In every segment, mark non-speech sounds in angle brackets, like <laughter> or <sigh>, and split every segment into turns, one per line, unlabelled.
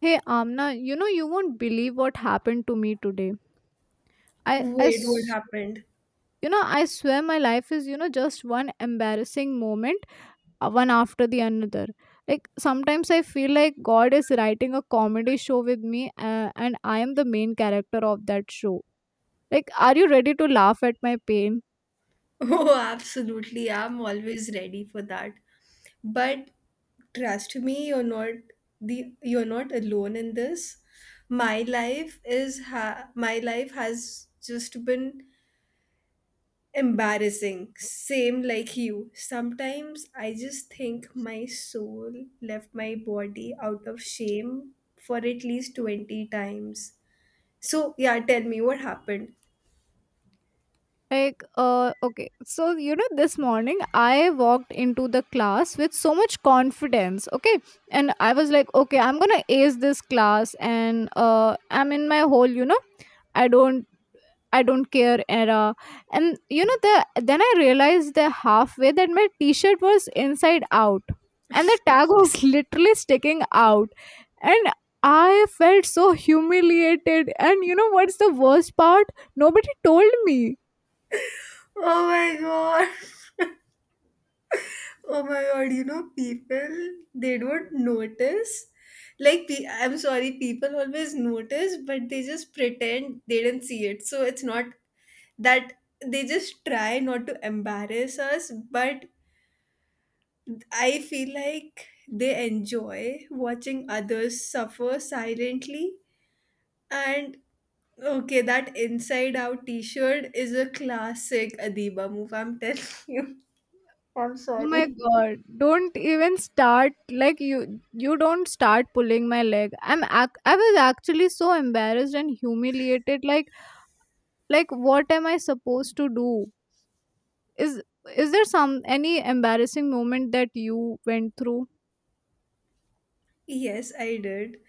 Hey Amna, you know you won't believe what happened to me today. I, I,
Wait,
s-
what happened? <laughs>
you know, I swear my life is, you know, just one embarrassing moment, one after the another. Like sometimes I feel like God is writing a comedy show with me, and I am the main character of that show. Like, are you ready to laugh at my pain?
Oh, absolutely. I'm always ready for that. But trust me, you're not the you're not alone in this. My life has just been embarrassing. Same like you. Sometimes I just think my soul left my body out of shame for at least 20 times. So, yeah, tell me what happened.
Okay. So, you know, this morning I walked into the class with so much confidence. Okay. And I was like, okay, I'm going to ace this class. And I'm in my hole, you know, I don't. I don't care era. And you know then I realized the halfway that my t-shirt was inside out, and the tag was <laughs> literally sticking out. And I felt so humiliated. And you know what's the worst part? Nobody told me.
Oh my god. Oh my god, you know, people, they don't notice. Like, I'm sorry, people always notice, but they just pretend they didn't see it. So it's not that they just try not to embarrass us, but I feel like they enjoy watching others suffer silently. And okay, that inside out t shirt is a classic Adiba move, I'm telling you. <laughs> I'm
Oh my
sorry.
god, don't even start. Like you don't start pulling my leg. I was actually so embarrassed and humiliated. Like what am I supposed to do? Is is there some any embarrassing moment that you went through?
Yes, I did.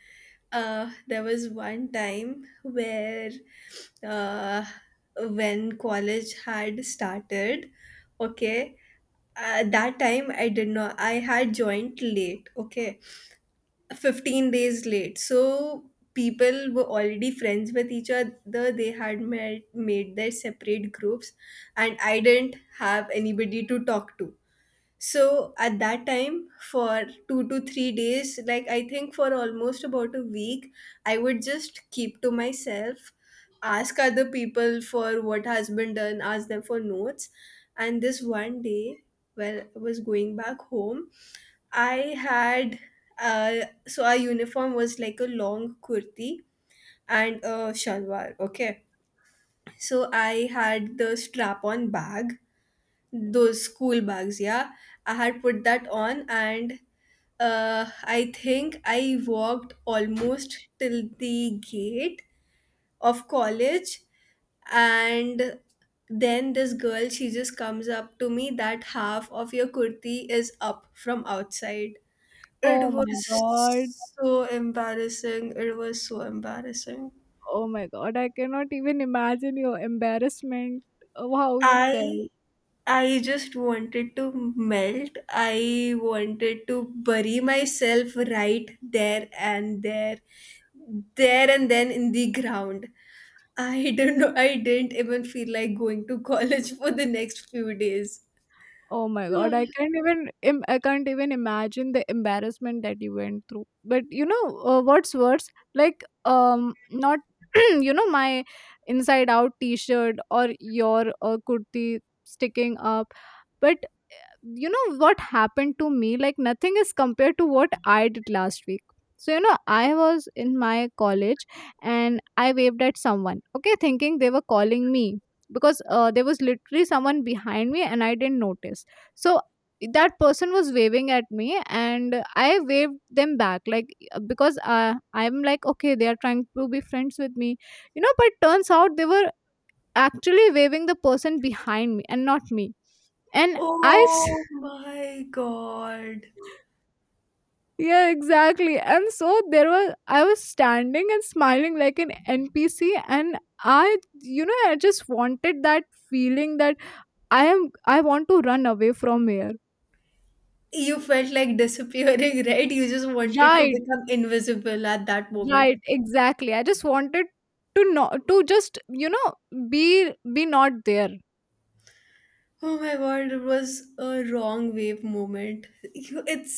There was one time where, uh, when college had started, okay, that time I did not, I had joined late, okay, 15 days late. So people were already friends with each other. They had met, made their separate groups, and I didn't have anybody to talk to. So at that time, for 2 to 3 days, like I think for almost about a week, I would just keep to myself, ask other people for what has been done, ask them for notes. And this one day, when I was going back home, I had so our uniform was like a long kurti and a shalwar. Okay, so I had the strap-on bag, those school bags, yeah, I had put that on. And I think I walked almost till the gate of college. And then this girl, she just comes up to me that half of your kurti is up from outside. It
Oh my
was
god.
so embarrassing, it was so embarrassing.
Oh my god, I cannot even imagine your embarrassment of how you
i
felt.
I just wanted to melt. I wanted to bury myself right there and there, there and then in the ground. I <laughs> don't know. I didn't even feel like going to college for the next few days.
Oh my god,
<sighs>
I can't even imagine the embarrassment that you went through. But you know what's worse? Like not <clears throat> you know my inside out t-shirt or your kurti sticking up. But you know what happened to me, like nothing is compared to what I did last week. So you know I was in my college and I waved at someone, okay, thinking they were calling me, because there was literally someone behind me and I didn't notice. So that person was waving at me and I waved them back like because I'm like, okay, they are trying to be friends with me, you know. But turns out they were actually waving the person behind me and not me. and I s-
Oh my God.
Yeah, exactly. And so there was I was standing and smiling like an NPC. And I, you know, I just wanted that feeling that I want to run away from here.
You felt like disappearing, <laughs> right? You just wanted to
Right,
become invisible at that moment.
right, exactly. I just wanted to not to just, you know, be not there.
Oh my god, it was a wrong wave moment. It's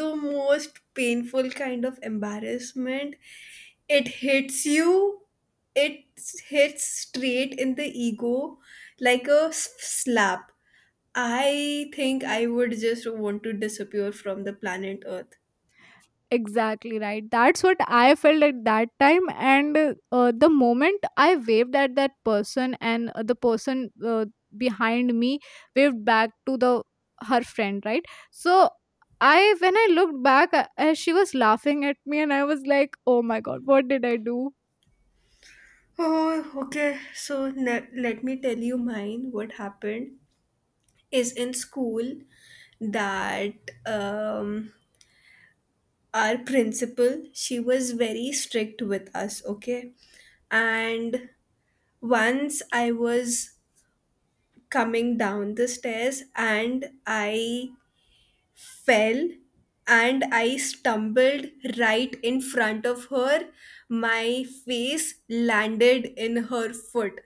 the most painful kind of embarrassment. It hits you, it hits straight in the ego like a slap. I think I would just want to disappear from the planet Earth.
Exactly right. That's what I felt at that time. And the moment I waved at that person, and the person behind me waved back to the her friend, right? So I, when I looked back, she was laughing at me, and I was like, "Oh my god, what did I do?"
Oh, okay. So let me tell you mine. What happened is in school that um, our principal, she was very strict with us, okay? And once I was coming down the stairs and I fell and I stumbled right in front of her. My face landed in her foot,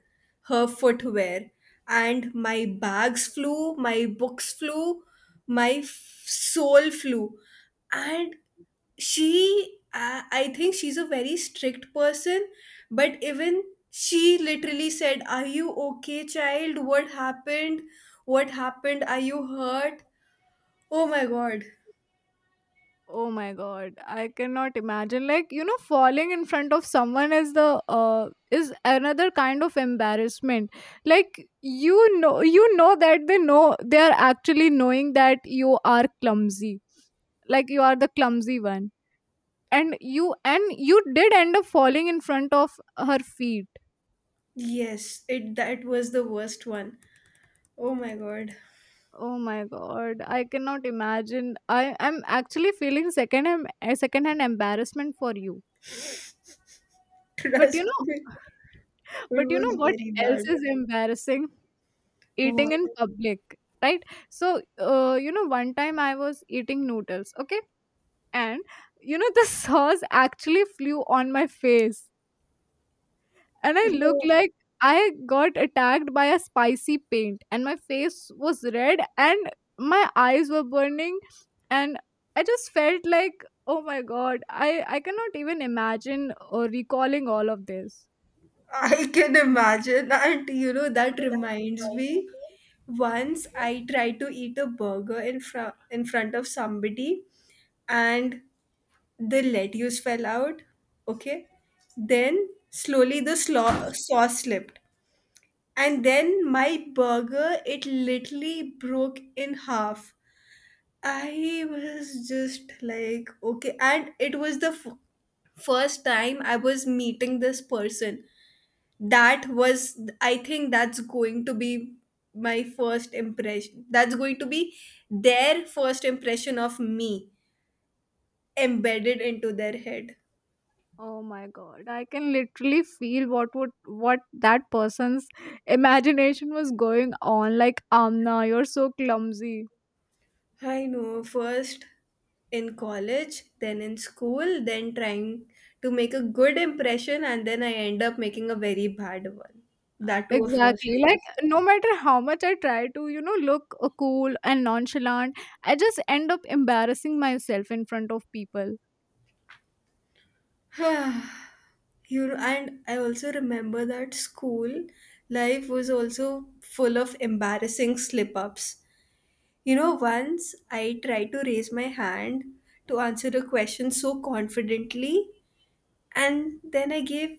her footwear, and my bags flew, my books flew, my soul flew. And she I think she's a very strict person, but even she literally said, are you okay child, what happened, what happened, are you hurt? Oh my god.
Oh my god, I cannot imagine. Like, you know, falling in front of someone is the is another kind of embarrassment. Like you know that they know they are actually knowing that you are clumsy. Like you are the clumsy one. And you did end up falling in front of her feet.
Yes, it that was the worst one. Oh my god.
Oh my god, I cannot imagine. I am actually feeling second hand embarrassment for you.
<laughs>
But you
Trust me,
know, <laughs>
it
but you know
was
what
very
else
bad.
is embarrassing? Eating
What?
in public, right? So, you know, one time I was eating noodles, okay? And, you know, the <laughs> sauce actually flew on my face. And I looked
No.
like I got attacked by a spicy paint, and my face was red, and my eyes were burning. And I just felt like, oh my God, I cannot even imagine or recalling all of this.
I can imagine. And you know,
You know
that
that
reminds
tiny
me, once
moment?
I tried to eat a burger in front of somebody, and the lettuce fell out. Okay. Then slowly the sauce slipped. And then my burger, it literally broke in half. I was just like, okay. And it was the first time I was meeting this person. That was, I think, that's going to be their first impression of me, embedded into their head.
Oh my god, I can literally feel what would what that person's imagination was going on. Like Amna, you're so clumsy.
I know, first in college, then in school, then trying to make a good impression, and then I end up making a very bad one, that to a first
Exactly. Like
one.
no matter how much I try to, you know, look cool and nonchalant, I just end up embarrassing myself in front of people.
<sighs> You know, and I also remember that school life was also full of embarrassing slip ups. You know, once I tried to raise my hand to answer a question so confidently, and then I gave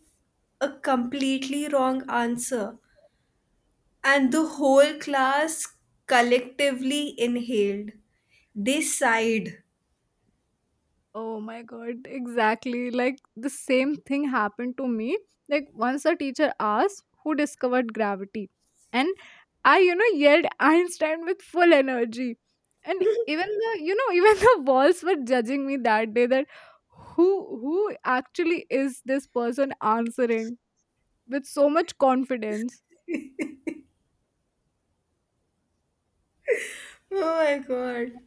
a completely wrong answer, and the whole class collectively inhaled. They sighed.
Oh my god, exactly. Like the same thing happened to me. Like once a teacher asked who discovered gravity. And I, you know, yelled Einstein with full energy. And even the, you know, <laughs> even the walls were judging me that day, that who who actually is this person answering with so much confidence.
Oh my god.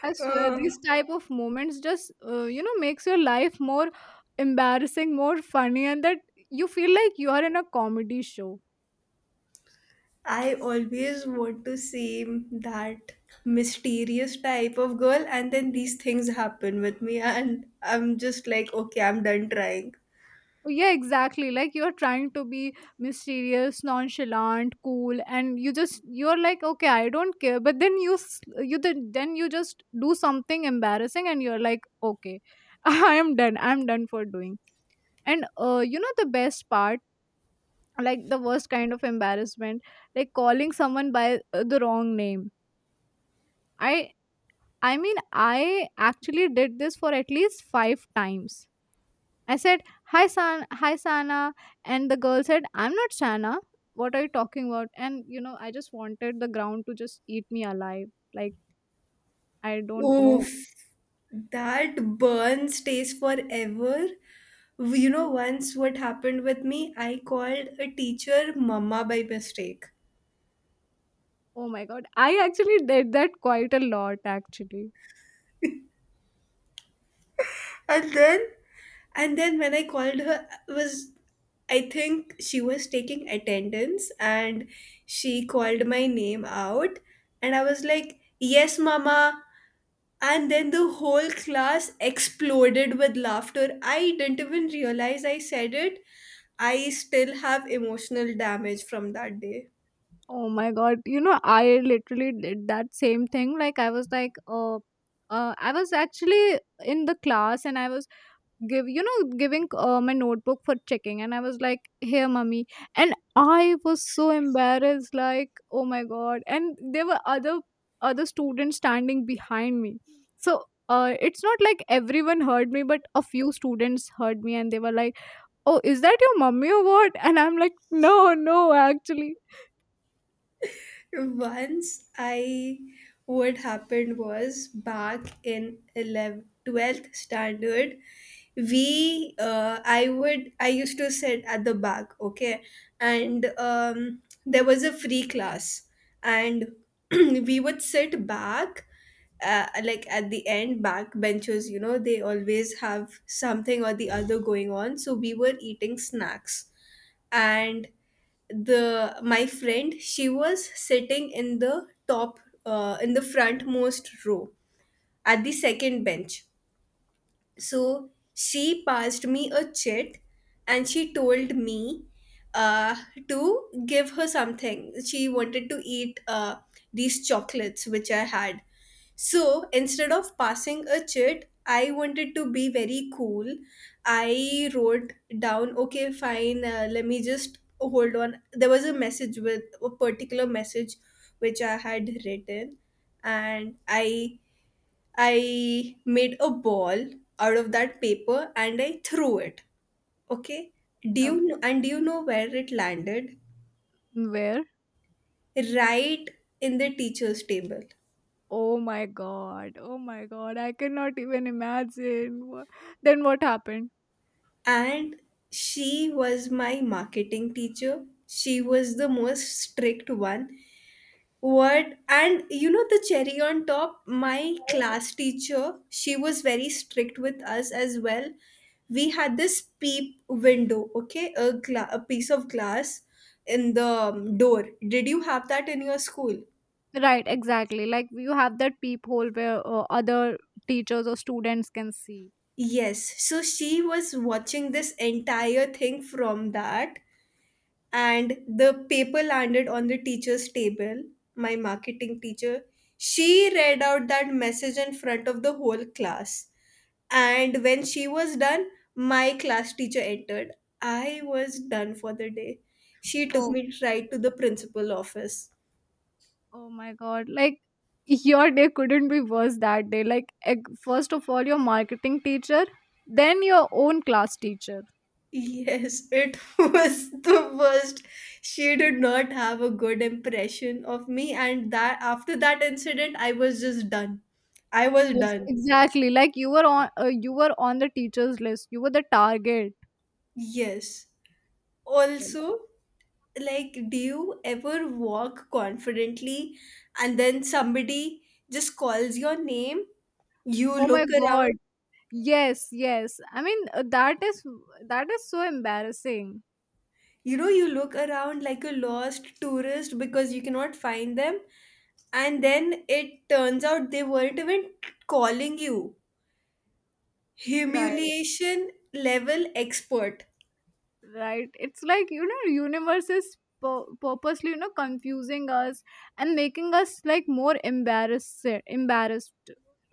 I swear
Oh,
these type of moments just you know makes your life more embarrassing, more funny, and that you feel like you are in a comedy show.
I always want to seem that mysterious type of girl, and then these things happen with me, and I'm just like, okay, I'm done trying.
Yeah, exactly. Like you're trying to be mysterious, nonchalant, cool, and you're like, okay, I don't care. But then you then you just do something embarrassing, and you're like, okay, <laughs> I am done. I'm done for doing. And you know the best part, like the worst kind of embarrassment, like calling someone by the wrong name. I i mean I actually did this for at least 5 times. I said hi Sana, and the girl said I'm not Sana, what are you talking about? And you know I just wanted the ground to just eat me alive. Like I don't know.
Oof, that burn stays forever. You know, once what happened with me, I called a teacher Mama by mistake.
Oh my god, I actually did that quite a lot actually.
And then when I called her, was I think she was taking attendance, and she called my name out, and I was like, yes mama. And then the whole class exploded with laughter. I didn't even realize I said it. I still have emotional damage from that day.
Oh my god. You know, I literally did that same thing. Like, I was actually in the class and I was give you know, giving my notebook for checking, and I was like, here mummy. And I was so embarrassed, like, oh my god. And there were other students standing behind me. So it's not like everyone heard me, but a few students heard me and they were like, oh, is that your mummy or what? And I'm like, no, no, actually.
Once I, what happened was back in 11th, 12th standard, I used to sit at the back, okay? And there was a free class, and <clears throat> we would sit back, like at the end back benches, you know they always have something or the other going on, so we were eating snacks. And the my friend, she was sitting in the top, in the frontmost row at the second bench. So she passed me a chit and she told me uh, to give her something she wanted to eat, these chocolates which I had. So instead of passing a chit, I wanted to be very cool. I wrote down, okay, fine, let me just hold on. There was a message, with a particular message which I had written, and I made a ball out of that paper and I threw it. Okay, do
Uh,
you know, and do you know where it landed?
where?
Right in the teacher's table.
Oh my god. Oh my god. I cannot even imagine. Then what happened?
And she was my marketing teacher, she was the most strict one. What? And you know the cherry on top, my class teacher, she was very strict with us as well. We had this peep window, okay, a, a piece of glass in the door. Did you have that in your school?
Right, exactly. Like you have that peephole where other teachers or students can see.
Yes, so she was watching this entire thing from that. And the paper landed on the teacher's table, my marketing teacher, she read out that message in front of the whole class. And when she was done, my class teacher entered. I was done for the day. She took
Oh,
me right to the principal office.
oh my god. Like your day couldn't be worse that day. Like first of all your marketing teacher, then your own class teacher.
Yes, it <laughs> was the worst. She did not have a good impression of me, and that after that incident I was just done. I was
Yes,
done.
exactly. Like you were on the teachers list. You were the target.
Yes.
Yes.
Also, like, do you ever walk confidently and then somebody just calls your name? You
Oh
look
my god.
around,
Yes, yes. I mean, that is so embarrassing.
you know, you look around like a lost tourist because you cannot find them. And then it turns out they weren't even calling you.
Right,
Humiliation level expert.
right. It's like, you know, universe is purposely, you know, confusing us and making us like more embarrassed,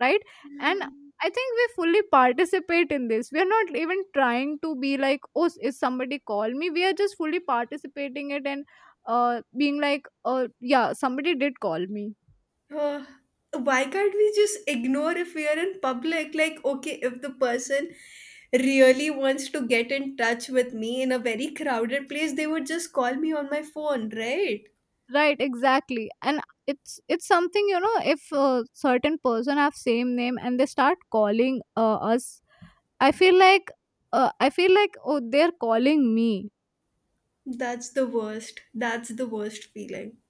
right? And I think we fully participate in this. We are not even trying to be like, oh, is somebody call me? We are just fully participating it and being like, oh, yeah, somebody did call me.
Uh, why can't we just ignore if we are in public? Like, okay, if the person really wants to get in touch with me in a very crowded place, they would just call me on my phone, right?
Right exactly. And it's something, you know, if a certain person have same name and they start calling us, I feel like I feel like oh they're calling me.
That's the worst. That's the worst feeling.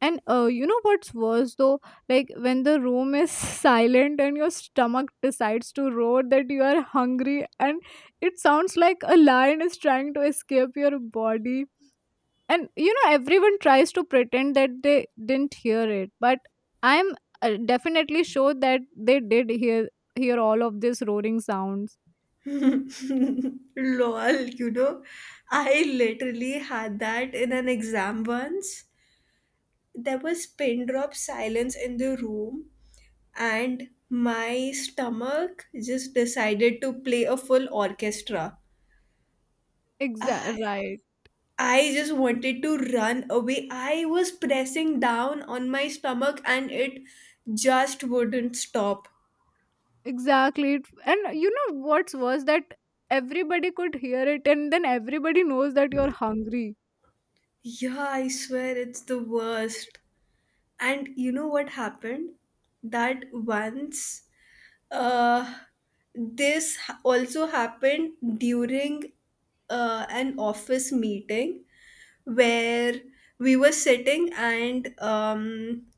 And you know what's worse though, like when the room is <laughs> silent and your stomach decides to roar that you are hungry, and it sounds like a lion is trying to escape your body. And you know everyone tries to pretend that they didn't hear it, but I'm definitely sure that they did hear all of these roaring sounds.
<laughs> Lol, you know, I literally had that in an exam once. There was pin drop silence in the room, and my stomach just decided to play a full orchestra.
Exactly
I
right.
I just wanted to run away. I was pressing down on my stomach and it just wouldn't stop.
Exactly. And you know what's worse, that everybody could hear it and then everybody knows that you're hungry.
Yeah, I swear it's the worst. And you know what happened? That once uh this also happened during an office meeting where we were sitting and um,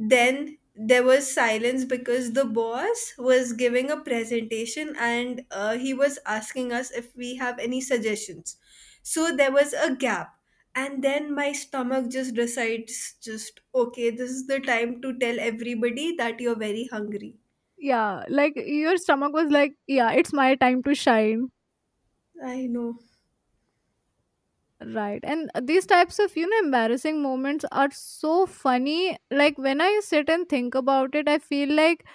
then there was silence because the boss was giving a presentation and he was asking us if we have any suggestions. So there was a gap. And then my stomach just decides, just okay, this is the time to tell everybody that you're very hungry.
Yeah, like your stomach was like, yeah, it's my time to shine.
I know.
Right, and these types of, you know, embarrassing moments are so funny, like when I sit and think about it I feel like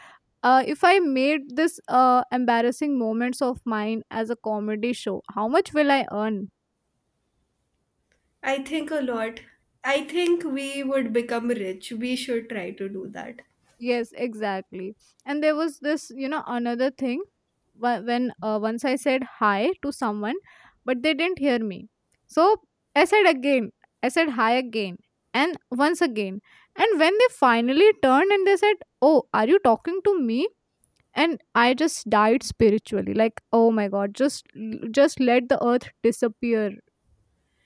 if I made this embarrassing moments of mine as a comedy show, how much will I earn?
I think a lot. I think we would become rich. We should try to do that.
Yes, exactly. And there was this, you know, another thing when once I said hi to someone, but they didn't hear me. So I said again, I said hi again, and once again. And when they finally turned and they said, oh, are you talking to me? And I just died spiritually, like oh my god, just let the earth disappear.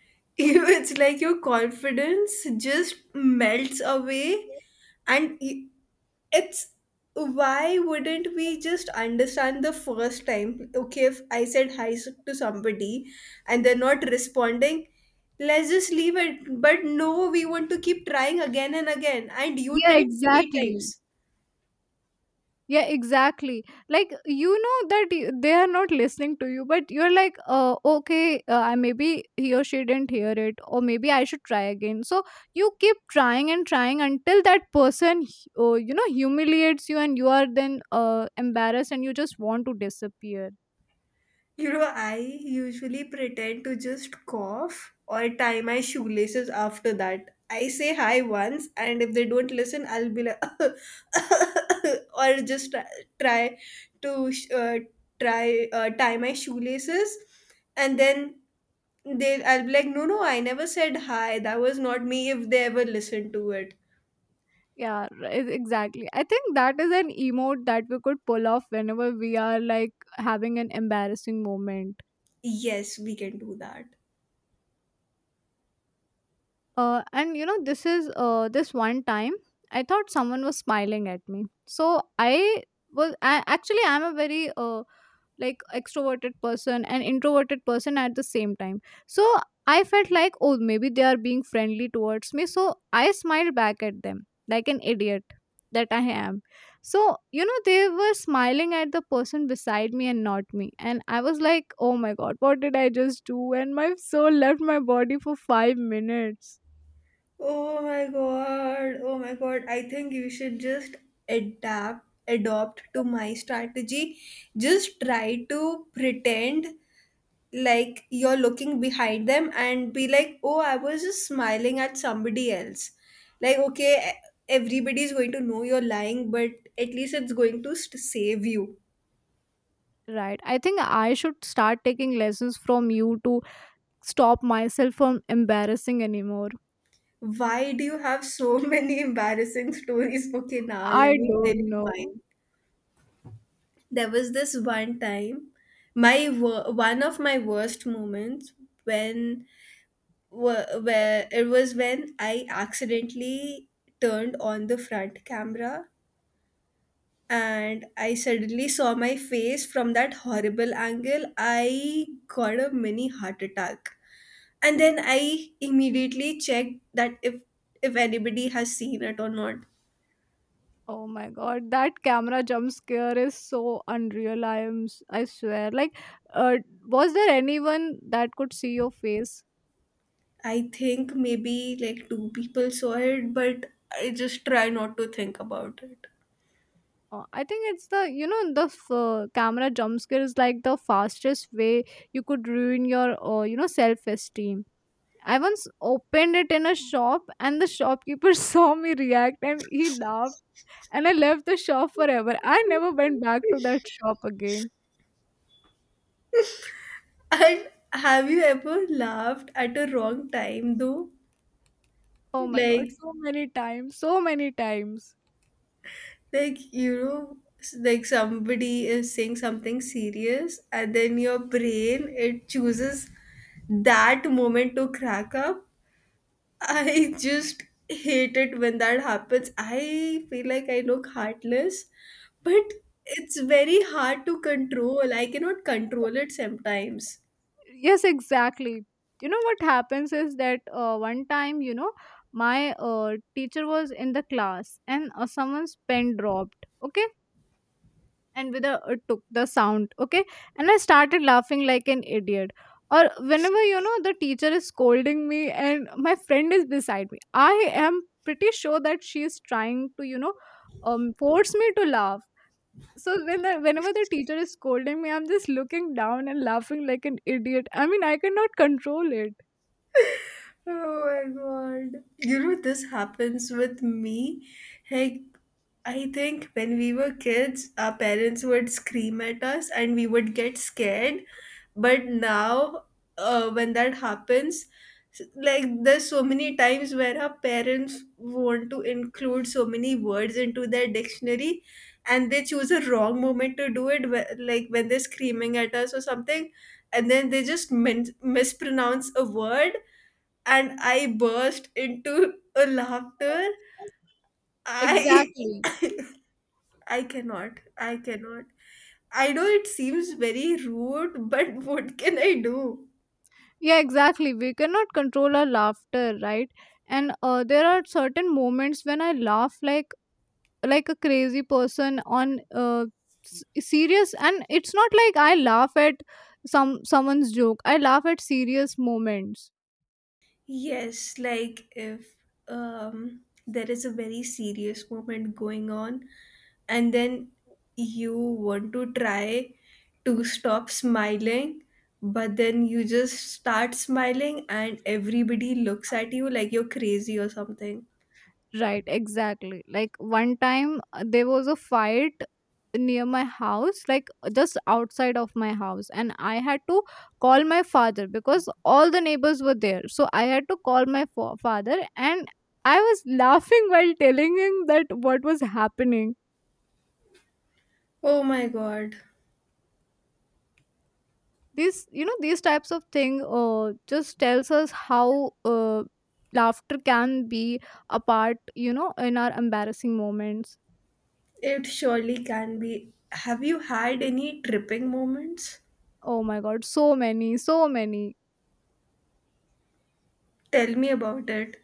<laughs> It's like your confidence just melts away, and y- it's why wouldn't we just understand the first time? Okay, if I said hi to somebody and they're not responding, let's just leave it. But no, we want to keep trying again and again, and you
Yeah,
tried three
exactly.
times.
Yeah, exactly. Like you know that they are not listening to you, but you're like, okay, maybe he or she didn't hear it, or maybe I should try again. So you keep trying and trying until that person, you know, humiliates you, and you are then embarrassed, and you just want to disappear.
You know, I usually pretend to just cough or tie my shoelaces after that. I say hi once, and if they don't listen, I'll be like, <laughs> or just try to try tie my shoelaces, and then I'll be like, no, no, I never said hi. That was not me. If they ever listen to it,
Yeah, exactly. I think that is an emote that we could pull off whenever we are like having an embarrassing moment.
yes, we can do that.
And you know, this one time I thought someone was smiling at me. So I, actually I'm a very like extroverted person and introverted person at the same time. So I felt like oh maybe they are being friendly towards me. So I smiled back at them like an idiot that I am. So you know they were smiling at the person beside me and not me, and I was like oh my god what did I just do? And my soul left my body for 5 minutes.
Oh my god. Oh my god. I think you should just adapt adopt to my strategy. Just try to pretend like you're looking behind them and be like, "Oh, I was just smiling at somebody else." Like, okay, everybody's going to know you're lying, but at least it's going to save you.
Right. I think I should start taking lessons from you to stop myself from embarrassing anymore.
Why do you have so <laughs> many embarrassing stories? Okay, now let
I
me tell
don't
you
know.
mine. There was this one time, one of my worst moments when where it was when I accidentally turned on the front camera, and I suddenly saw my face from that horrible angle. I got a mini heart attack, and then I immediately checked that if anybody has seen it or not.
Oh my god, that camera jump scare is so unreal. I swear. Like, uh, was there anyone that could see your face?
I think maybe like two people saw it, but I just try not to think about it.
I think it's the you know the f- camera jump scare is like the fastest way you could ruin your self esteem. I once opened it in a shop and the shopkeeper <laughs> saw me react and he laughed. And I left the shop forever. I never went back to that shop again.
And have you ever laughed at a wrong time though?
Oh my god,
Like,
so many times, so many times.
like somebody is saying something serious, and then your brain it chooses that moment to crack up. <laughs> I just hate it when that happens. I feel like I look heartless, but it's very hard to control. I cannot control it sometimes.
Yes, exactly. You know what happens is that one time, my teacher was in the class and someone's pen dropped. Okay, and with a took the sound, okay, and I started laughing like an idiot. Or whenever the teacher is scolding me and my friend is beside me, I am pretty sure that she is trying to force me to laugh. Whenever the teacher is scolding me, I'm just looking down and laughing like an idiot. I mean, I cannot control it.
Oh my god. You know, this happens with me. Like, I think when we were kids, our parents would scream at us and we would get scared. But now, when that happens, like, there's so many times where our parents want to include so many words into their dictionary, and they choose a wrong moment to do it, like when they're screaming at us or something, and then they just mispronounce a word and I burst into a laughter.
Ex-
I I cannot. I cannot. I know it seems very rude, but <laughs> what can I do?
yeah, exactly, we cannot control our laughter, right? And there are certain moments when I laugh like a crazy person on s- serious, and it's not like I laugh at someone's joke. I laugh at serious moments.
Yes, like if um there is a very serious moment going on, and then you want to try to stop smiling, but then you just start smiling and everybody looks at you like you're crazy or something.
Right, exactly. Like one time, there was a fight near my house, like just outside of my house, and I had to call my father because all the neighbors were there. So I had to call father, and I was <laughs> laughing while telling him that what was happening.
Oh my god.
These, you know, these types of thing, just tells us how laughter can be a part, you know, in our embarrassing moments.
It surely can be. Have you had any tripping moments?
Oh my god, so many, so many.
Tell me about it.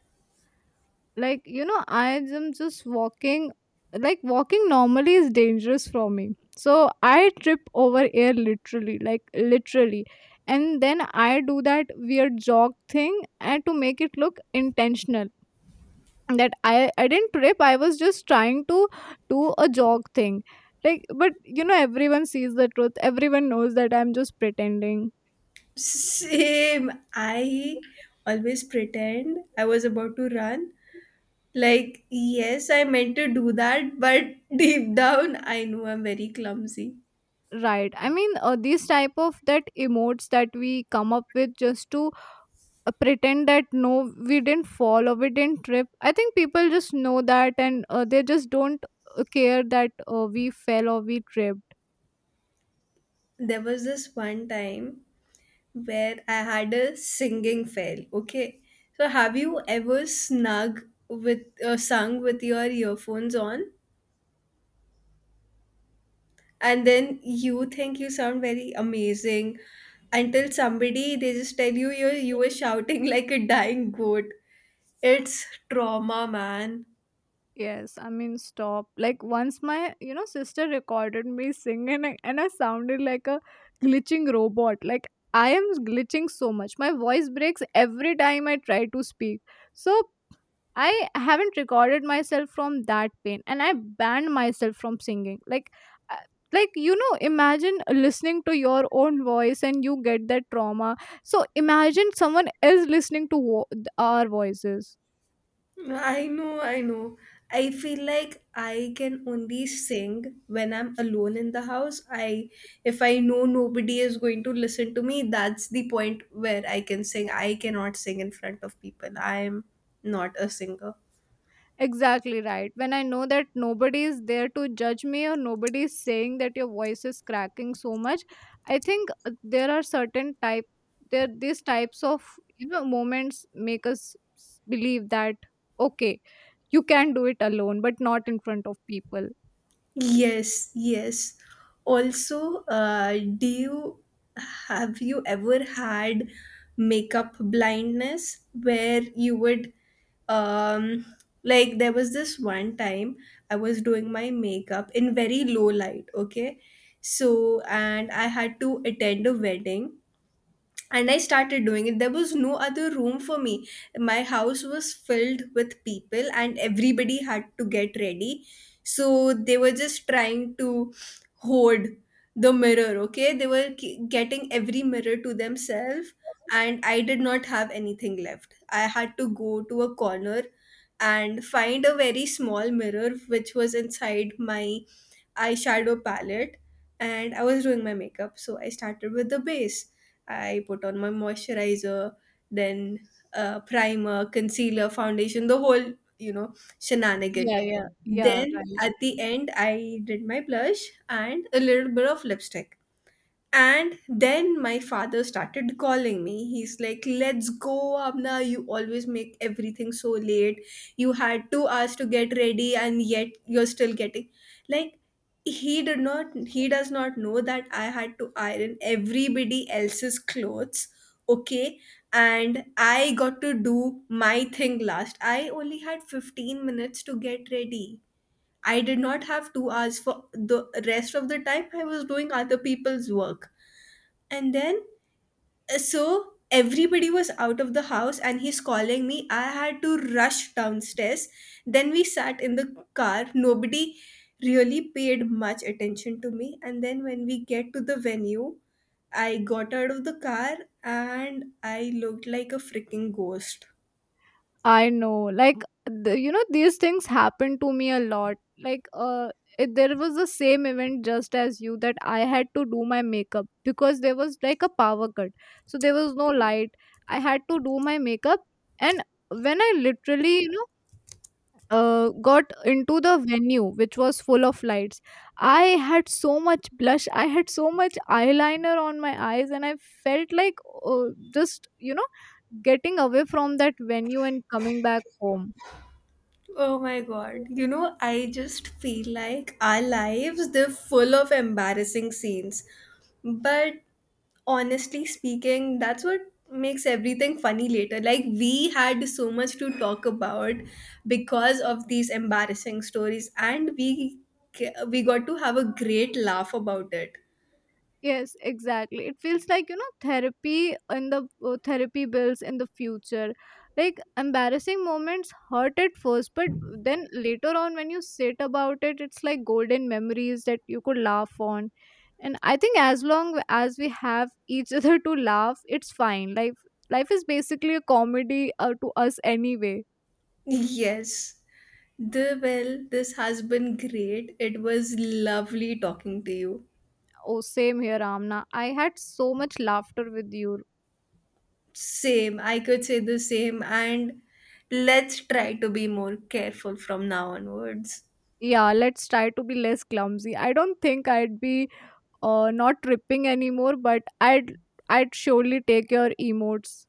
Like, you know, I am just walking. Like walking normally is dangerous for me. So I trip over air, literally, like, literally. And then I do that weird jog thing and to make it look intentional, that I didn't trip. I was just trying to do a jog thing. Like, but you know, everyone sees the truth. Everyone knows that I'm just pretending.
Same. I always pretend I was about to run. Like, yes, I meant to do that, but <laughs> deep down, I know I'm very clumsy.
Right. I mean, these type of that emotes that we come up with just to pretend that no, we didn't fall or we didn't trip. I think people just know that, and they just don't care that we fell or we tripped.
There was this one time where I had a singing fail, okay? So, have you ever snug with sung with your earphones on? And then you think you sound very amazing, until somebody they just tell you you were shouting <laughs> like a dying goat. It's trauma, man.
Yes, I mean stop. Like once my, you know, sister recorded me singing, and I sounded like a glitching robot. Like, I am glitching so much. My voice breaks every time I try to speak. So I haven't recorded myself from that pain, and I banned myself from singing. Like, uh, like, you know, imagine listening to your own voice and you get that trauma. So imagine someone else listening to our voices.
I know, I know, I feel like I can only sing when I'm alone in the house. I, if I know nobody is going to listen to me, that's the point where I can sing. I cannot sing in front of people. I'm not a singer.
Exactly, right. When I know that nobody is there to judge me or nobody is saying that your voice is cracking so much, I think there are certain type there these types of, you know, moments make us believe that, okay, you can do it alone but not in front of people.
Yes, yes. Also, do you have you ever had makeup blindness where you would um like, there was this one time I was doing my makeup in very low light, okay? So, and I had to attend a wedding, and I started doing it. There was no other room for me. My house was filled with people and everybody had to get ready, so they were just trying to hoard the mirror. Okay, they were getting every mirror to themselves, and I did not have anything left. I had to go to a corner and find a very small mirror which was inside my eyeshadow palette, and I was doing my makeup. So I started with the base. I put on my moisturizer, then primer, concealer, foundation, the whole, you know, shenanigan.
Yeah, yeah. Yeah,
Then
right.
at the end, I did my blush and a little bit of lipstick, and then my father started calling me. He's like, "Let's go, Abna. You always make everything so late. You had 2 hours to get ready, and yet you're still getting." Like, he does not know that I had to iron everybody else's clothes. Okay. And I got to do my thing last. I only had 15 minutes to get ready. I did not have 2 hours for the rest of the time. I was doing other people's work, and then, so everybody was out of the house, and he's calling me. I had to rush downstairs. Then we sat in the car. Nobody really paid much attention to me. And then, when we get to the venue, I got out of the car and I looked like a freaking ghost.
I know, like, the, you know, these things happen to me a lot. Like, there was the same event just as you that I had to do my makeup because there was like a power cut, so there was no light. I had to do my makeup, and when I literally, you know, got into the venue which was full of lights, I had so much blush, I had so much eyeliner on my eyes, and I felt like, uh, just, you know, getting away from that venue and coming back home.
Oh my god. You know, I just feel like our lives, they're full of embarrassing scenes. But honestly speaking, that's what makes everything funny later. Like, we had so much to talk about because of these embarrassing stories, and we got to have a great laugh about it.
Yes, exactly. It feels like, you know, therapy in the therapy bills in the future. Like embarrassing moments hurt at first, but then later on when you sit about it, it's like golden memories that you could laugh on. And I think as long as we have <laughs> each other to laugh, it's fine. Life is basically a comedy to us anyway.
Yes. This has been great. It was lovely talking to you.
Oh, same here, Amna. I had so much laughter with you.
Same, I could say the same, and let's try to be more careful from now onwards.
Yeah, let's try to be less clumsy. I don't think I'd be not tripping anymore, but I'd surely take your emotes.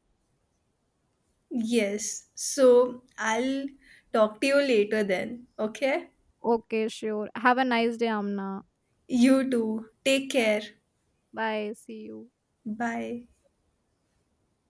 Yes. So I'll talk to you later then. Okay?
Okay, sure. Have a nice day, Amna.
You too. Take care.
Bye. See you.
Bye.